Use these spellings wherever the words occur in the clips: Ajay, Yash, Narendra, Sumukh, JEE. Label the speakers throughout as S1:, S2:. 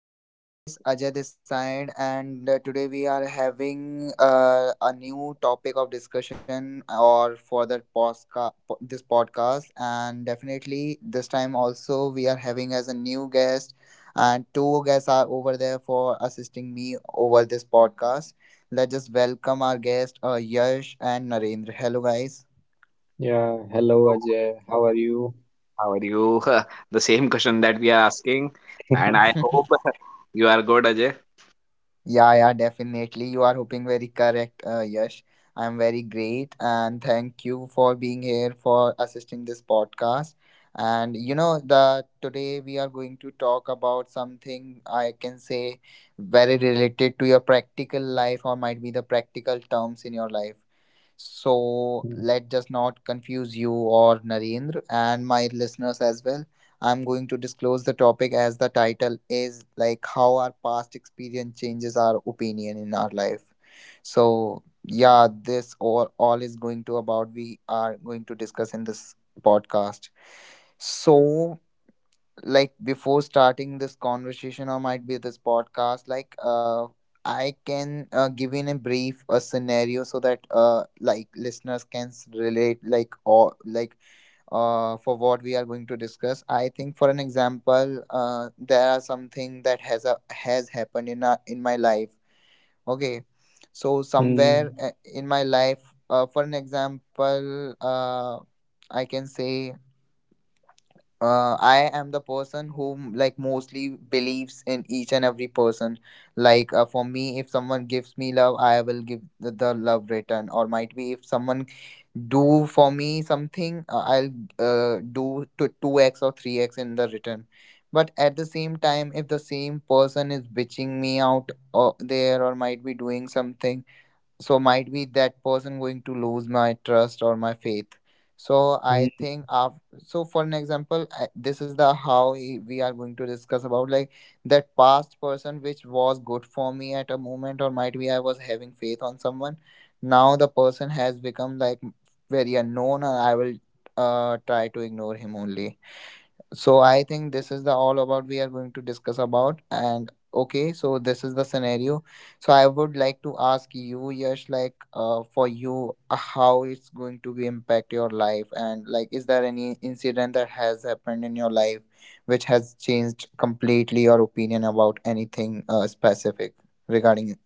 S1: So hey guys, Ajay this side, and today we are having a new topic of discussion or for that this podcast, and definitely this time also we are having as a new guest, and two guests are over there for assisting me over this podcast. Let's just welcome our guest, Yash and Narendra. Hello guys.
S2: Yeah, hello Ajay, how are you?
S3: How are you? The same question that we are asking, and I hope you are good, Ajay.
S1: Yeah, yeah, definitely. You are hoping very correct, Yash. I'm very great, and thank you for being here for assisting this podcast. And you know, the today we are going to talk about something I can say very related to your practical life, or might be the practical terms in your life. So let just not confuse you or Narendra and my listeners as well. I'm going to disclose the topic as the title is like how our past experience changes our opinion in our life. So yeah, this all is going to about we are going to discuss in this podcast. So like before starting this conversation or might be this podcast, like I can give in a brief a scenario so that like listeners can relate, like, or like for what we are going to discuss. I think for an example, there are something that has a has happened in in my life. Okay, so somewhere
S2: Hmm.
S1: in my life, for an example, I can say, I am the person who like mostly believes in each and every person. Like for me, if someone gives me love, I will give the love return. Or might be if someone do for me something, I'll do to two x or three x in the return. But at the same time, if the same person is bitching me out or there, or might be doing something, so might be that person going to lose my trust or my faith. So I think
S2: Hmm.
S1: after, so for an example, this is the how we are going to discuss about, like that past person which was good for me at a moment, or might be I was having faith on someone, now the person has become like very unknown and I will try to ignore him only. So I think this is the all about we are going to discuss about. And okay, so this is the scenario. So I would like to ask you, Yash, like for you, how it's going to be impact your life, and like, is there any incident that has happened in your life which has changed completely your opinion about anything specific regarding?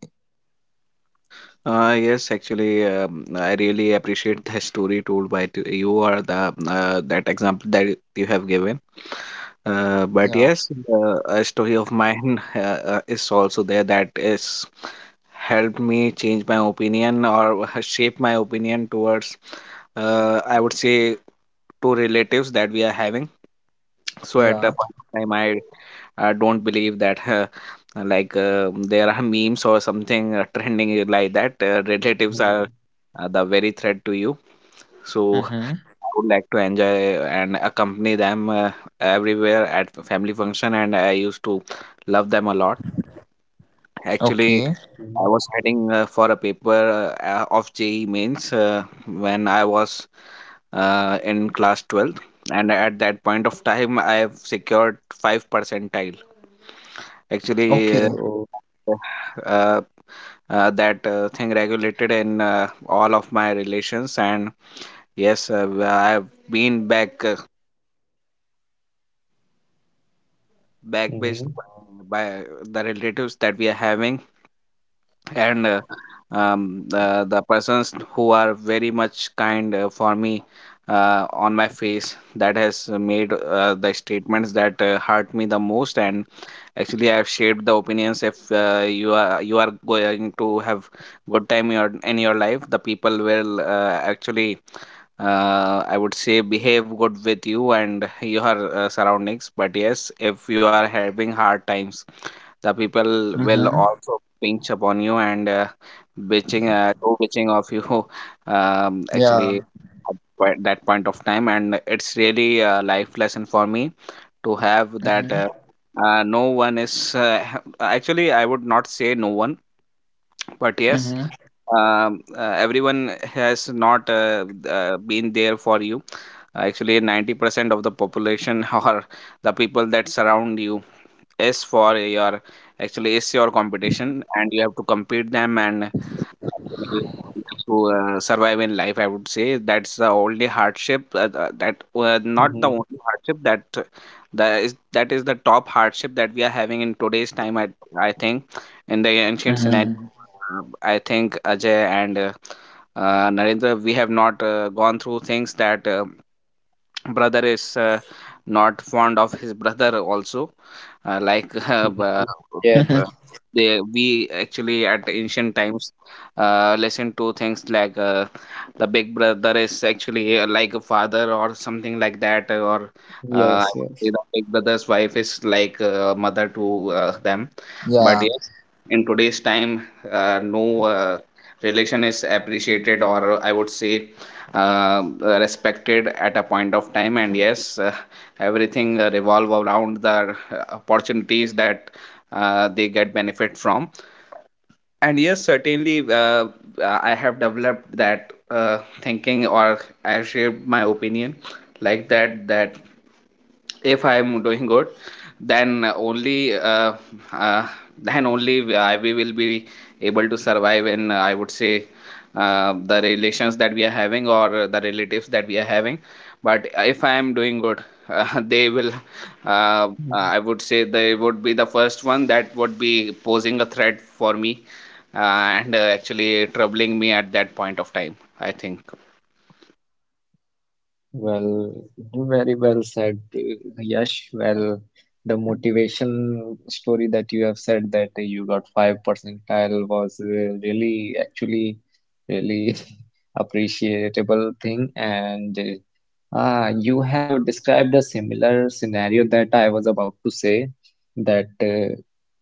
S3: Yes, actually, I really appreciate the story told by you or the that example that you have given. Uh,
S1: Yeah.
S3: but yes, a story of mine is also there that is helped me change my opinion or shape my opinion towards, I would say, two relatives that we are having. So at
S1: Yeah.
S3: a point of time, I don't believe that like there are memes or something trending like that. Relatives are
S2: Hmm.
S3: the very threat to you. So
S1: Mm-hmm.
S3: I would like to enjoy and accompany them, everywhere at the family function, and I used to love them a lot. Actually,
S1: Okay.
S3: I
S2: Hmm.
S3: was heading for a paper of JEE mains when I was in class 12th, and at that point of time, I have secured 5 percentile. Actually,
S1: Okay.
S2: Oh.
S3: uh, uh, that thing regulated in all of my relations, and yes, I have been back, backbased
S2: Mm-hmm.
S3: by the relatives that we are having, and the persons who are very much kind for me, on my face that has made the statements that hurt me the most. And actually, I have shared the opinions. If you are going to have good time in in your life, the people will actually, I would say, behave good with you and your surroundings. But yes, if you are having hard times, the people will
S1: Mm-hmm.
S3: also pinch upon you and, bitching, do bitching of you. Actually,
S1: Yeah.
S3: at that point of time, and it's really a life lesson for me to have that,
S1: Mm-hmm.
S3: no one is actually I would not say no one, but yes,
S1: Mm-hmm.
S3: everyone has not been there for you. Actually, 90% of the population or the people that surround you is for your, actually is your competition, and you have to compete them, and we have to survive in life. I would say that's the only hardship, that not the
S2: Mm-hmm.
S3: only hardship that that is the top hardship that we are having in today's time. I think in the ancient scenario,
S1: Mm-hmm.
S3: I think Ajay and Narendra, we have not gone through things that brother is not fond of his brother also, like
S2: Mm-hmm. Yes.
S3: we actually at ancient times listen to things like, the big brother is actually like a father or something like that, or uh,
S2: Yes,
S3: the
S2: yes.
S3: big brother's wife is like a mother to them.
S1: Yeah.
S3: But yes, in today's time, no relation is appreciated, or I would say respected at a point of time. And yes, everything revolve around the opportunities that they get benefit from. And yes, certainly, I have developed that thinking, or I shared my opinion like that if I'm doing good, then only, uh, then only we will be able to survive in, I would say, the relations that we are having or the relatives that we are having. But if I am doing good, they will,
S2: Mm.
S3: I would say, they would be the first one that would be posing a threat for me, uh, and actually troubling me at that point of time, I think.
S2: Well, very well said, Yash. Well, the motivation story that you have said that you got 5 percentile was really, actually, really appreciable thing. And ah, you have described a similar scenario that I was about to say, that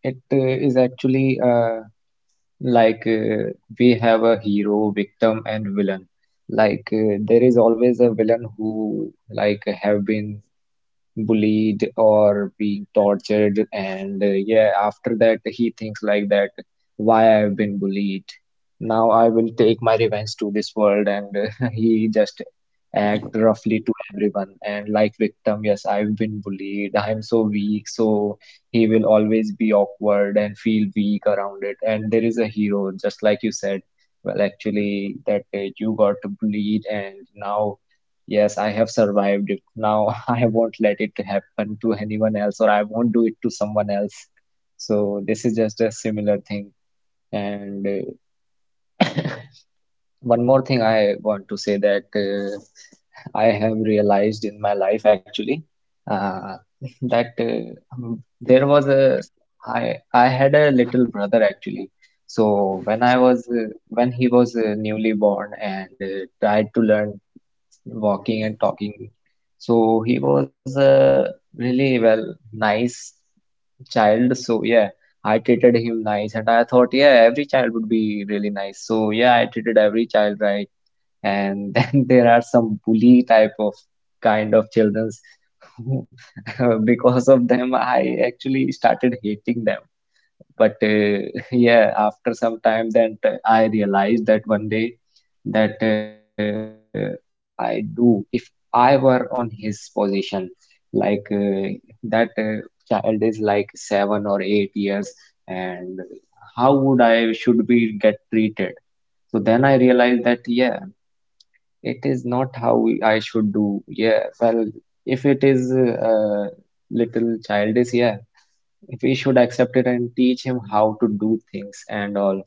S2: it is actually like we have a hero, victim, and villain. Like there is always a villain who like have been bullied or being tortured, and yeah, after that he thinks like that, why I've been bullied? Now I will take my revenge to this world, and he just act roughly to everyone, and like victim, yes, I've been bullied, I'm so weak, so he will always be awkward and feel weak around it. And there is a hero just like you said, well actually that you got bullied, and now, yes, I have survived it. Now I won't let it happen to anyone else, or I won't do it to someone else. So this is just a similar thing. And one more thing I want to say, that I have realized in my life actually uh, that there was a s- I had a little brother actually. So when he was newly born and tried to learn walking and talking. So he was a really well nice child. So yeah, I treated him nice, and I thought yeah, every child would be really nice. So yeah, I treated every child right. And then there are some bully type of kind of childrens, because of them I actually started hating them, but yeah, after some time that I realized that one day, that what would I do if I were on his position, like that child is like 7 or 8 years, and how would I should be get treated? So then I realized that yeah, it is not how I should do, yeah well, if it is uh, little child is yeah, if we should accept it and teach him how to do things and all.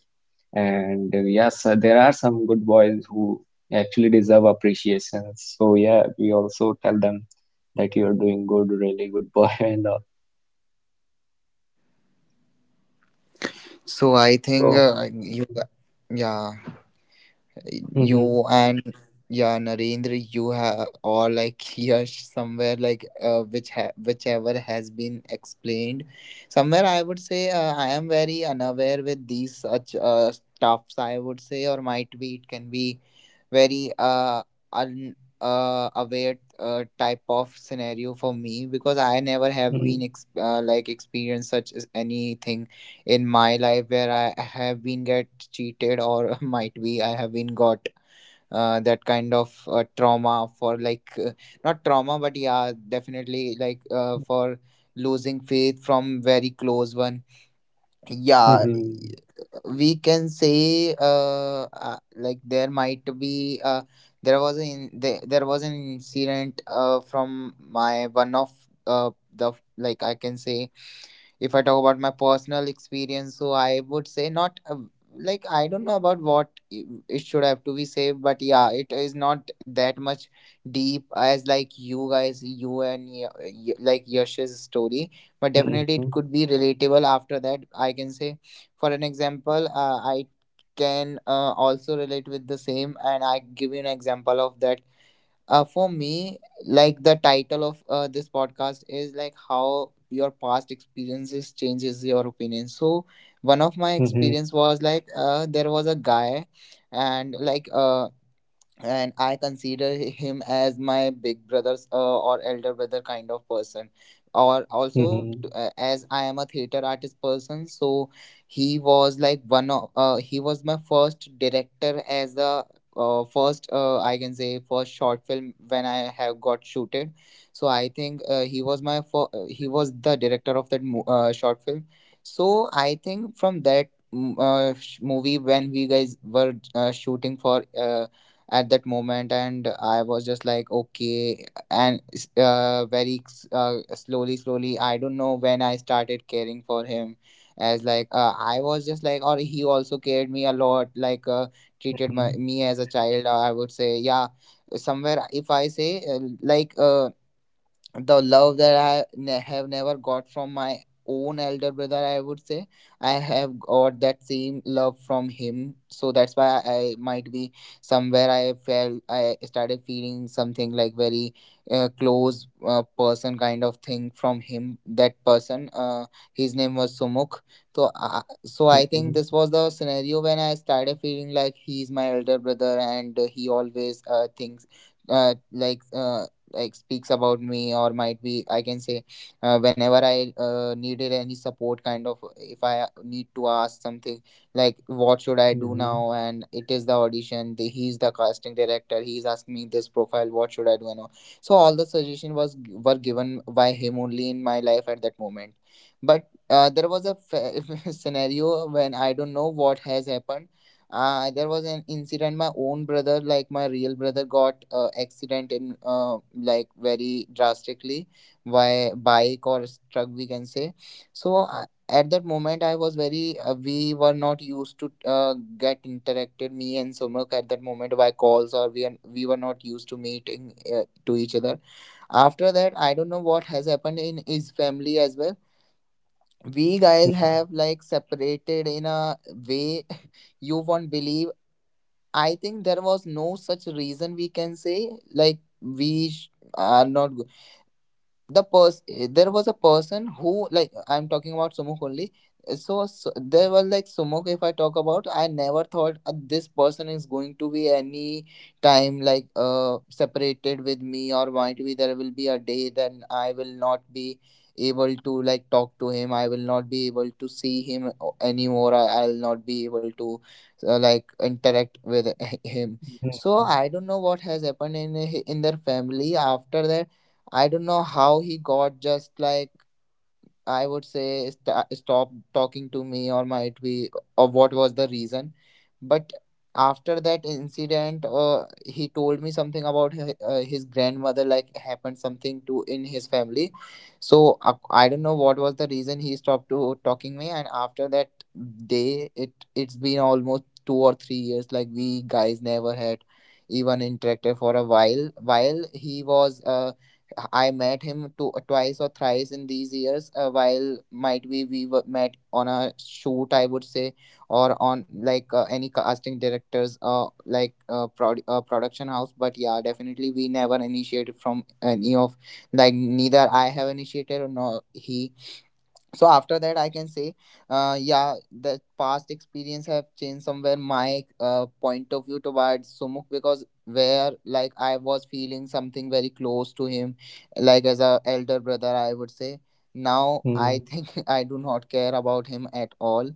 S2: And yes, there are some good boys who actually deserve appreciation. So yeah, we also tell them that you're doing good, really good boy and all.
S1: So I think
S2: So
S1: you, yeah, you
S2: mhm,
S1: and, yeah, Narendra, you have, or like Yash somewhere like which whichever has been explained. Somewhere I would say I am very unaware with these such stuffs. I would say, or might be it can be very un aware type of scenario for me, because I never have been
S2: mhm,
S1: like experienced such as anything in my life where I have been get cheated, or might be I have been got that kind of trauma for, like not trauma, but yeah, definitely like for
S2: mhm,
S1: losing faith from very close one. Yeah,
S2: mhm,
S1: we can say like there might be there was an incident from my one of the, like I can say. If I talk about my personal experience, so I would say not a, like I don't know about what it should have to be saved, but yeah, it is not that much deep as like you guys, you and like Yash's story, but definitely it could be relatable. After that, I can say, for an example, I can also relate with the same, and I give you an example of that. For me, like the title of this podcast is like how your past experiences changes your opinion, so one of my experience
S2: mhm,
S1: was like there was a guy, and like and I consider him as my big brother's or elder brother kind of person. Or
S2: mhm,
S1: also,
S2: mhm,
S1: as I am a theater artist person, so he was like one of he was my first director as a first, I can say, first short film when I have got shooted. So I think he was my he was the director of that short film. So I think from that movie, when we guys were shooting for, at that moment, and I was just like, okay. And very slowly slowly, I don't know when I started caring for him. As like I was just like, or he also cared me a lot, like treated me
S2: mhm,
S1: as a child, I would say. Yeah, somewhere, if I say like the love that I have never got from my own elder brother, I would say, I have got that same love from him. So that's why I might be somewhere, I felt I started feeling something like very close person kind of thing from him. That person, his name was Sumukh. So, so I think this was
S2: mhm,
S1: the scenario when I started feeling like he's my elder brother, and he always thinks uh, like uh, like speaks about me, or might be I can say whenever I needed any support kind of, if I need to ask something like what should I do
S2: mhm,
S1: now, and it is the audition, he's the casting director, he's asking me this profile, what should I do, and all. So all the suggestion was were given by him only in my life at that moment. But there was a scenario when I don't know what has happened. There was an incident. My own brother, like my real brother, got accident in like very drastically, by bike or truck, we can say. So at that moment, I was very. We were not used to get interacted. Me and Sumak at that moment by calls, or we were not used to meeting to each other. After that, I don't know what has happened in his family as well. We guys
S2: mhm,
S1: have like separated in a way, you won't believe. I think there was no such reason, we can say, like we are not good. the pers there was a person who like, I'm talking about Sumuk only. So there was like Sumuk. If I talk about, I never thought this person is going to be any time like separated with me, or might be there will be a day then I will not be able to like talk to him, I will not be able to see him anymore, I'll not be able to like interact with him. So
S2: mhm,
S1: I don't know what has happened in in their family after that. I don't know how he got just like, I would say, stop talking to me, or might be, or what was the reason. But after that incident, he told me something about his grandmother, like happened something to, in his family. So I don't know what was the reason he stopped to talking me. And after that day, it's been almost 2 or 3 years. Like we guys never had even interacted for a while. While he was I met him twice or thrice in these years. While might be we were met on a shoot, I would say, or on like any casting directors, like production house. But yeah, definitely we never initiated from any of, like neither I have initiated or nor he. So after that, I can say, yeah, the past experience have changed somewhere my point of view towards Sumuk. Because where like I was feeling something very close to him, like as a elder brother, I would say, now
S2: mhm,
S1: I
S2: mhm,
S1: think I do not care about him at all.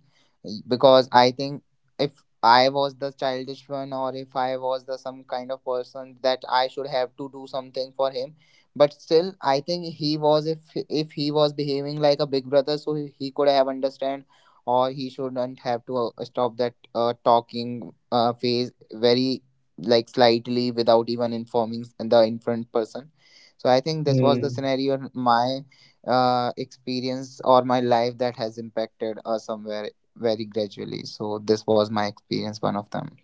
S1: Because I think if I was the childish one, or if I was the some kind of person that I should have to do something for him. But still, I think he was, if he was behaving like a big brother, so he could have understand, or he shouldn't have to stop that talking phase very like slightly without even informing the in front person. So I think this was the
S2: mhm.
S1: scenario in my experience or my life that has impacted somewhere very gradually. So this was my experience, one of them.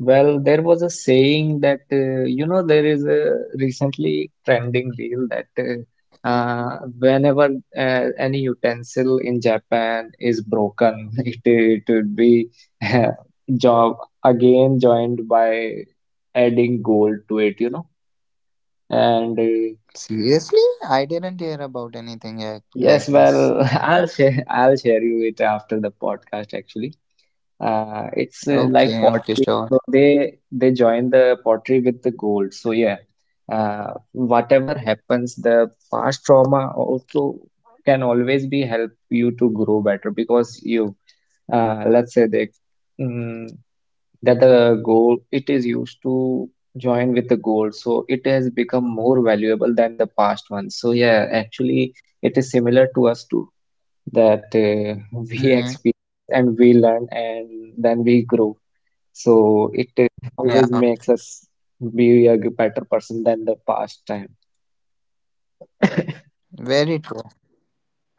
S2: Well, there was a saying that you know there is a recently trending reel that whenever any utensil in Japan is broken, it would be job again joined by adding gold to it, you know. And
S1: Seriously, I didn't hear about anything like
S2: yes,
S1: this.
S2: well, I'll share you it after the podcast actually. It's like
S1: Okay, okay,
S2: pottery,
S1: sure.
S2: so they join the pottery with the gold. So yeah, whatever happens, the past trauma also can always be help you to grow better because you, let's say they mm, that the gold it is used to join with the gold, so it has become more valuable than the past one. So yeah, actually, it is similar to us too, that we
S1: Mm-hmm.
S2: experience and we learn, and then we grow. So it always
S1: Yeah,
S2: makes us be a better person than the past time.
S1: very true.
S2: Hmm.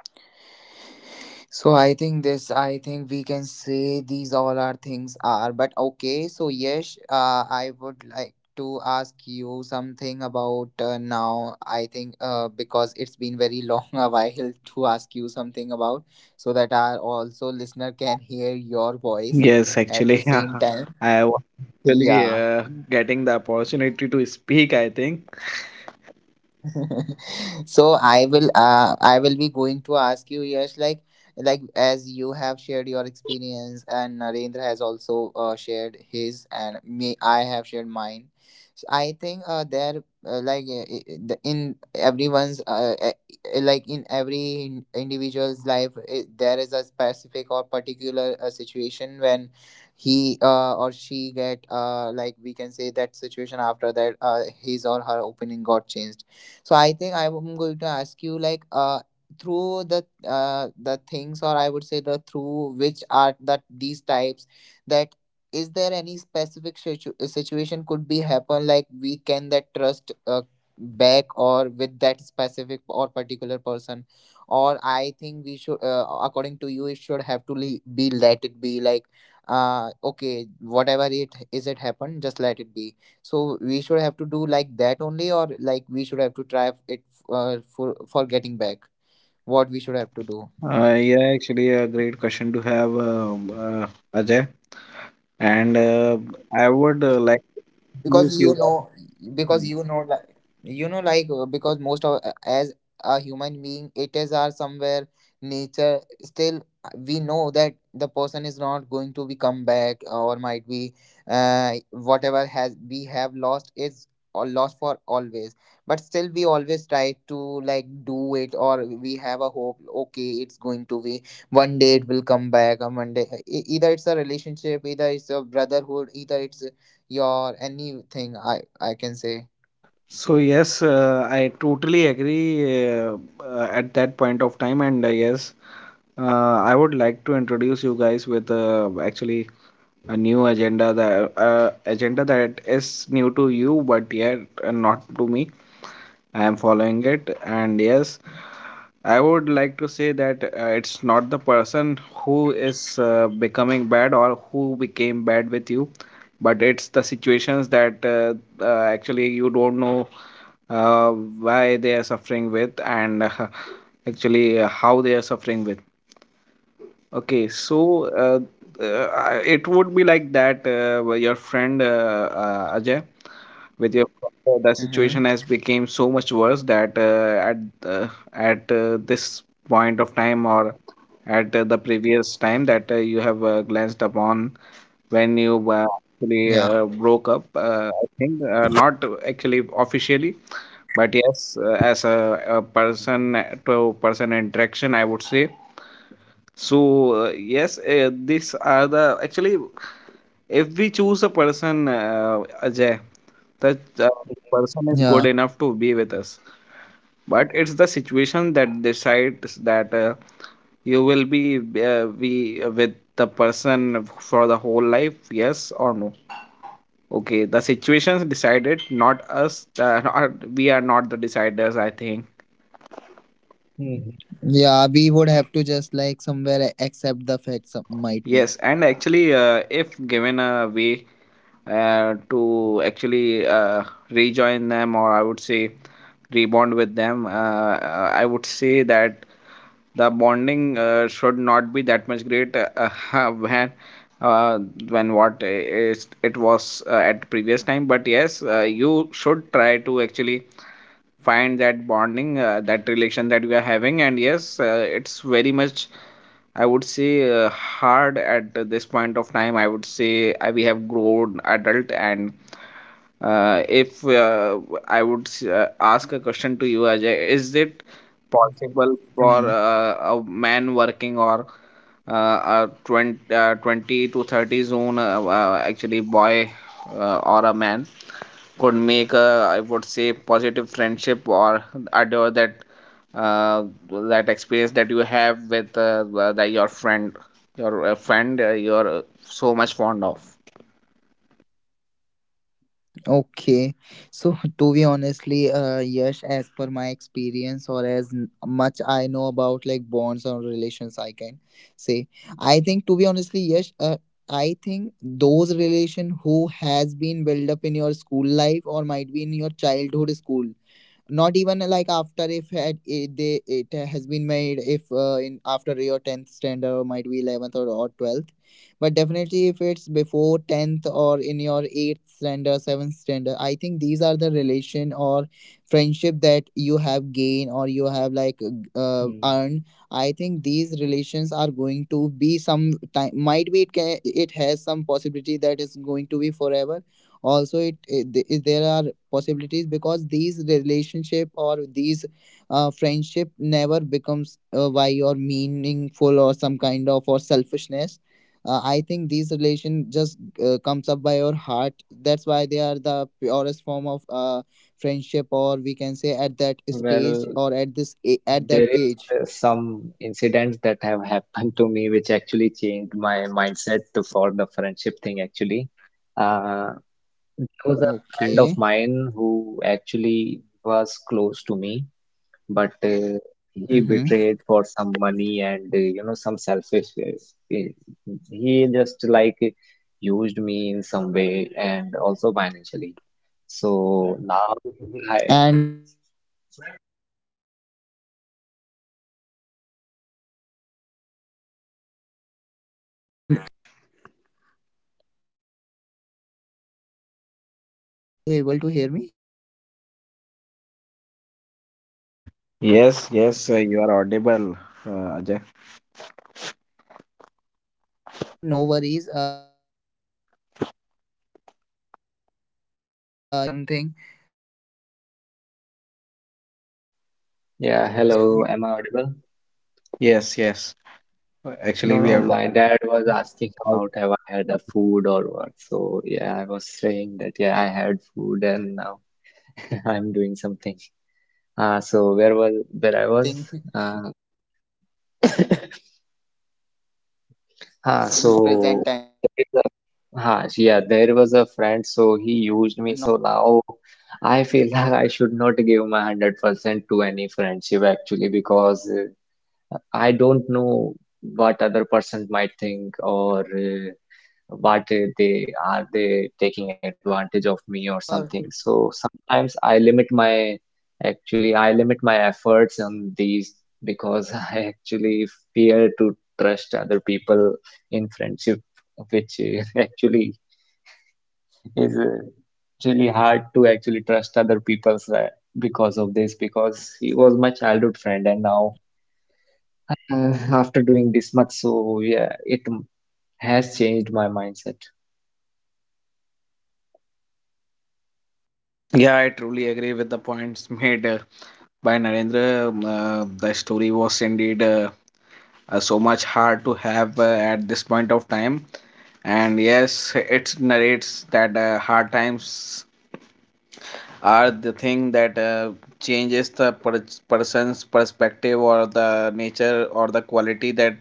S1: So I think this, I think we
S2: Well, the
S1: can
S2: learning
S1: say these
S2: always
S1: all our things
S2: helps
S1: are,
S2: us
S1: but
S2: grow
S1: okay. So
S2: and
S1: yes, I would
S2: progress
S1: like
S2: better.
S1: to ask you something
S2: Well,
S1: about
S2: also, have
S1: now. I
S2: you
S1: think
S2: heard about
S1: because it's
S2: the
S1: been
S2: one
S1: very
S2: more
S1: long a
S2: story that
S1: while to ask you something about,
S2: uh,
S1: so that our also
S2: uh,
S1: listener can hear your
S2: that
S1: voice
S3: Yes,
S2: helplessness
S1: at the
S3: actually,
S2: there
S1: same
S2: are
S1: time.
S3: I was
S2: sometimes people may
S3: actually
S1: Yeah.
S2: not overcome
S3: getting
S2: their
S3: the
S2: past
S3: opportunity to
S2: traumas,
S3: speak, I think.
S2: like for example, let's say
S1: so i will
S2: there is
S1: uh, i
S2: an
S1: will be going to ask
S2: a
S1: you, yes,
S2: circus,
S1: like
S2: have you heard
S1: like
S2: of a
S1: as
S2: circus
S1: you
S2: that
S1: have
S2: they
S1: shared your
S2: train
S1: experience,
S2: elephants
S1: and
S2: and
S1: Narendra has
S2: you know
S1: also
S2: animals? So
S1: shared his,
S2: there is
S1: and
S2: a
S1: me,
S2: theory
S1: I
S2: that
S1: have shared mine. So
S2: the
S1: I think
S2: ele when the
S1: there,
S2: elephant
S1: like,
S2: is a little child,
S1: in
S2: it has
S1: everyone's,
S2: been bound by
S1: like in
S2: the
S1: every
S2: ropes. So
S1: individual's
S2: it
S1: life,
S2: thought
S1: I
S2: that
S1: there is a
S2: ropes
S1: specific or
S2: cannot be
S1: particular
S2: ever be
S1: situation when
S2: broken by him,
S1: he
S2: because in the
S1: or she
S2: childhood
S1: get,
S2: he was not
S1: like we can
S2: strong
S1: say
S2: enough to
S1: that
S2: break
S1: situation, after that
S2: those chains or
S1: his or her
S2: ropes.
S1: opinion got
S2: So he
S1: changed.
S2: thinks,
S1: So I think I'm
S2: could
S1: going to
S2: never be
S1: ask you,
S2: broken
S1: like
S2: by me. So
S1: through
S2: it
S1: the
S2: just
S1: uh the
S2: keep
S1: things, or I would say the
S2: keep
S1: through
S2: uh,
S1: which are that
S2: he
S1: these
S2: just
S1: types,
S2: stopped
S1: that
S2: resisting on
S1: is
S2: it.
S1: there any
S2: So.
S1: specific situation
S2: Sometimes
S1: could be
S2: this may
S1: happen, like
S2: happens, but
S1: we
S2: yeah,
S1: can, that
S2: you
S1: trust
S2: just need to change
S1: back,
S2: it
S1: or with
S2: and
S1: that specific or particular
S2: learn
S1: person,
S2: and grow
S1: or
S2: from it.
S1: I think we should,
S2: So what do you
S1: according to
S2: think
S1: you, it
S2: about
S1: should
S2: it?
S1: have to be, let it be, like okay whatever it is it happened, just let it be. So we should have to do
S2: Hello,
S1: like that only, or like we should have to try it for getting back. What we should have to do?
S3: Yeah, actually, a great question to have, uh, Ajay. And
S1: Because you know, like, like, because most of, as a human being it is our somewhere nature. Still, we know that the person is not going to be come back, or might be, whatever has we have lost is, or lost for always,
S2: hello,
S1: but still we always try to like do it, or
S2: are you
S1: we
S2: guys
S1: have a
S2: there?
S1: hope, okay, it's going to be
S2: Hello, Yash,
S1: one day, it will
S2: Ajay.
S1: come back, or one day, either it's a relationship, either it's a brotherhood, either it's your anything, I can say.
S3: so, yes, I totally agree, at that of time. And yes,
S2: Well, they
S3: uh, I
S2: might
S3: would
S2: be
S3: like to introduce
S2: busy
S3: you guys with,
S2: somewhere. So okay,
S3: actually,
S2: let's go
S3: a
S2: to
S3: new
S2: next.
S3: agenda that, agenda that is new
S2: Uh,
S3: to you, but yet, not to me. I am following it, and yes, I would like to say that it's not the person who is becoming bad or who became bad with you, but it's the situations that actually you don't know uh, why they are suffering with, and actually how they are suffering with. Okay, so, it would be like that where your friend, Ajay, with your father, the
S1: Mm-hmm.
S3: situation has become so much worse that at this point of time, or at the previous time that you have glanced upon when you actually
S1: Yeah,
S3: broke up, I think, not actually officially, but yes, as a person to person interaction, I would say. So, yes, these are the actually, if we choose a person, Ajay, that person is good
S1: yeah,
S2: Mhm,
S3: enough to be with us. But it's the situation that decides that you will be with the person for the whole life, yes or no. Okay, the situations decided, not us. Not, we are not the deciders, I think.
S1: yeah,
S2: mhm,
S1: we would have to just like somewhere accept the fact. Some might be.
S3: Yes, and actually, if given a way to actually rejoin them, or I would say rebond with them, I would say that the bonding should not be that much great, when, uh, when what is it was at previous time. But yes, you should try to actually find that bonding, that relation that we are having. And yes, it's very much, I would say, hard at this point of time. I would say we have grown adult, and if I would ask a question to you, Ajay, is it possible
S2: mhm,
S3: for
S1: Mm-hmm.
S3: a man working or a 20, 20 to 30 zone, actually boy, or a man, could make a, I would say, positive friendship or adore that uh, that experience that you have with your friend, your friend you're so much fond of?
S1: Okay, so to be honestly, yes, as per my experience, or as much I know about like bonds or relations, I can say, I think to be honestly, yes, I think those relation who has been built up in your school life, or might be in your childhood school, not even like after if had it, they it has been made if in after your 10th standard, or might be 11th, or 12th, but definitely if it's before 10th, or in your 8th standard, 7th standard, I think these are the relation or friendship that you have gained, or you have like earned.
S2: mm.
S1: I think these relations are going to be some time, might be it can, it has some possibility that is going to be forever also. There are possibilities, because these relationship, or these friendship never becomes, why or meaningful or some kind of or selfishness. I think these relation just comes up by your heart. That's why they are the purest form of friendship, or we can say at that stage,
S2: Well,
S1: or at at that
S2: there is
S1: age.
S2: some incidents that have happened to me which actually changed my mindset to for the friendship thing actually. Uh, there was a friend of
S1: Okay.
S2: mine who actually was close to me, but he
S1: Mm-hmm.
S2: betrayed for some money, and you know some selfish he just like used me in some way and also financially, so now I,
S1: And it was from like your childhood friend, Narendra? Narendra, Narendra, are you able to hear me?
S3: Yes, yes, you are
S1: Oh,
S3: audible, Ajay.
S1: yeah. So, okay, no worries. Yes, okay. I think Narendra has asked me something. So, okay, yes.
S2: yeah,
S1: So, is
S2: hello,
S1: there
S2: am I
S1: one?
S2: audible?
S1: Is there?
S3: Yes, yes.
S1: Yes, you
S3: Actually,
S1: are.
S2: No,
S3: we
S2: no,
S3: have lost
S2: my dad was asking
S3: out.
S2: about have I had a food or what? So yeah, I was saying that yeah, I had food, and now I'm doing something,
S1: Okay, yeah.
S2: so
S1: It
S2: where
S1: is
S2: I
S1: also
S2: was.
S1: one of the most
S2: Uh,
S1: important thing. Otherwise, your father's
S2: Huh,
S1: opinion will
S2: so
S1: get
S2: there
S1: changed
S2: is
S1: in
S2: a
S1: present time,
S2: huh,
S1: not in
S2: yeah, there
S1: past.
S2: was a friend, so he used me. So now I feel like I should not give my 100% to any friendship actually, because I don't know what other person might think, or but they are they taking advantage of me or
S1: Narendra,
S2: something,
S1: he, is
S2: so
S1: he was
S2: sometimes I
S1: your
S2: limit my, actually I limit my efforts on these, because I actually fear to trust other people in friendship, which is actually is really
S1: Narendra? Can I
S2: hard to
S1: ask you one
S2: actually
S1: thing?
S2: trust other people's, because of this, because he was my childhood friend, and now after doing this much, so yeah has changed my mindset.
S3: Yeah, I truly agree with the points made by Narendra. The story was indeed, so much hard to have at this point of time, and yes, it narrates that hard times are the thing that changes the person's perspective or the nature or the quality that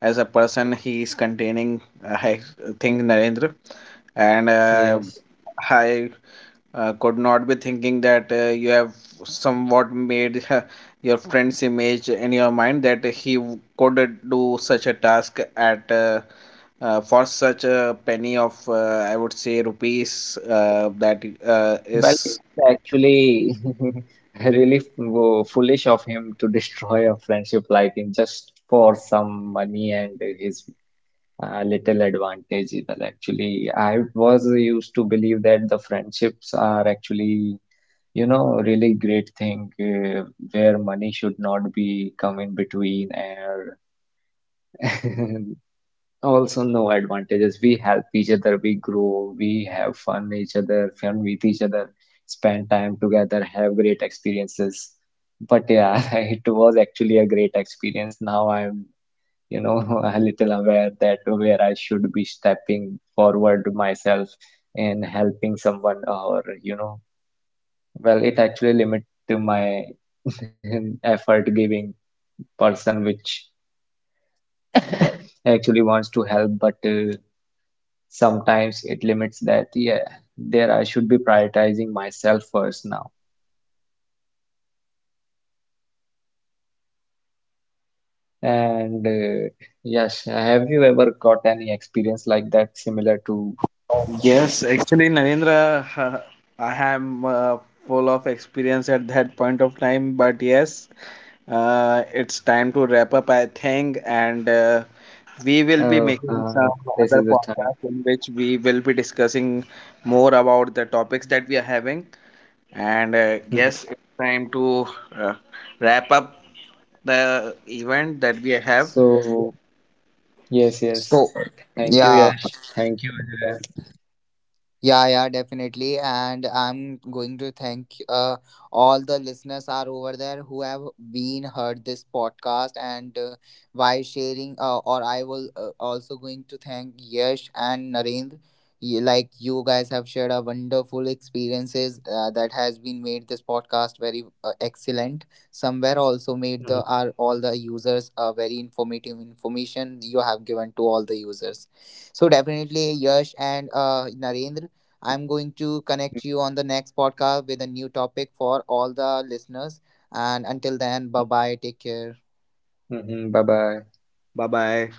S3: as a person he is containing. I think Narendra and
S2: Yes.
S3: I could not be thinking that you have somewhat made your friend's image in your mind that he could do such a task at for such a penny of, I would say, rupees that
S2: Well, it
S3: is...
S2: is actually really foolish of him to destroy a friendship like in just for some money and his little advantage. Well, actually, I was used to believe that the friendships are actually, you know, really great thing, where money should not be come in between, and also no advantages, we help each other, we grow, we have fun each other, fun with each other, spend time together, have great experiences. But yeah, it was actually a great experience, now I'm, you know, a little aware that where I should be stepping forward myself and helping someone or you know. Well, it actually limit to my effort giving person, which actually wants to help, but sometimes it limits that yeah, there I should be prioritizing myself first now. And yes, have you ever got any experience like that, similar to
S3: Yes, actually,
S2: any, which has
S3: Narendra,
S2: changed your perspective?
S3: I am full of experience at that point of time. But yes, it's time to wrap up, I think, and we will be
S2: Oh
S3: making some
S2: this
S3: other
S2: is the time.
S3: podcast in which we will be discussing more about the topics that we are having. And yes,
S2: Hmm.
S3: it's time to uh, wrap up the event that we have.
S2: So yes, yes,
S1: そ
S2: thank you
S1: う。
S2: Yash.
S1: いやー
S2: Thank you Ajay.
S1: Yeah, yeah, definitely. And I'm going to thank all the listeners are over there who have been heard this podcast, and by sharing. Or I will, also going to thank Yash and Narendra. You, like, you guys have shared a wonderful experiences that has been made this podcast very excellent. Somewhere also made
S2: Hmm.
S1: the are all the users very informative information you have given to all the users. So definitely Yash and Narendra. I'm going to connect
S2: Hmm.
S1: you on the next podcast with a new topic for all the listeners. And until then, bye bye. Take care.
S2: Hmm. Bye bye.
S3: Bye bye.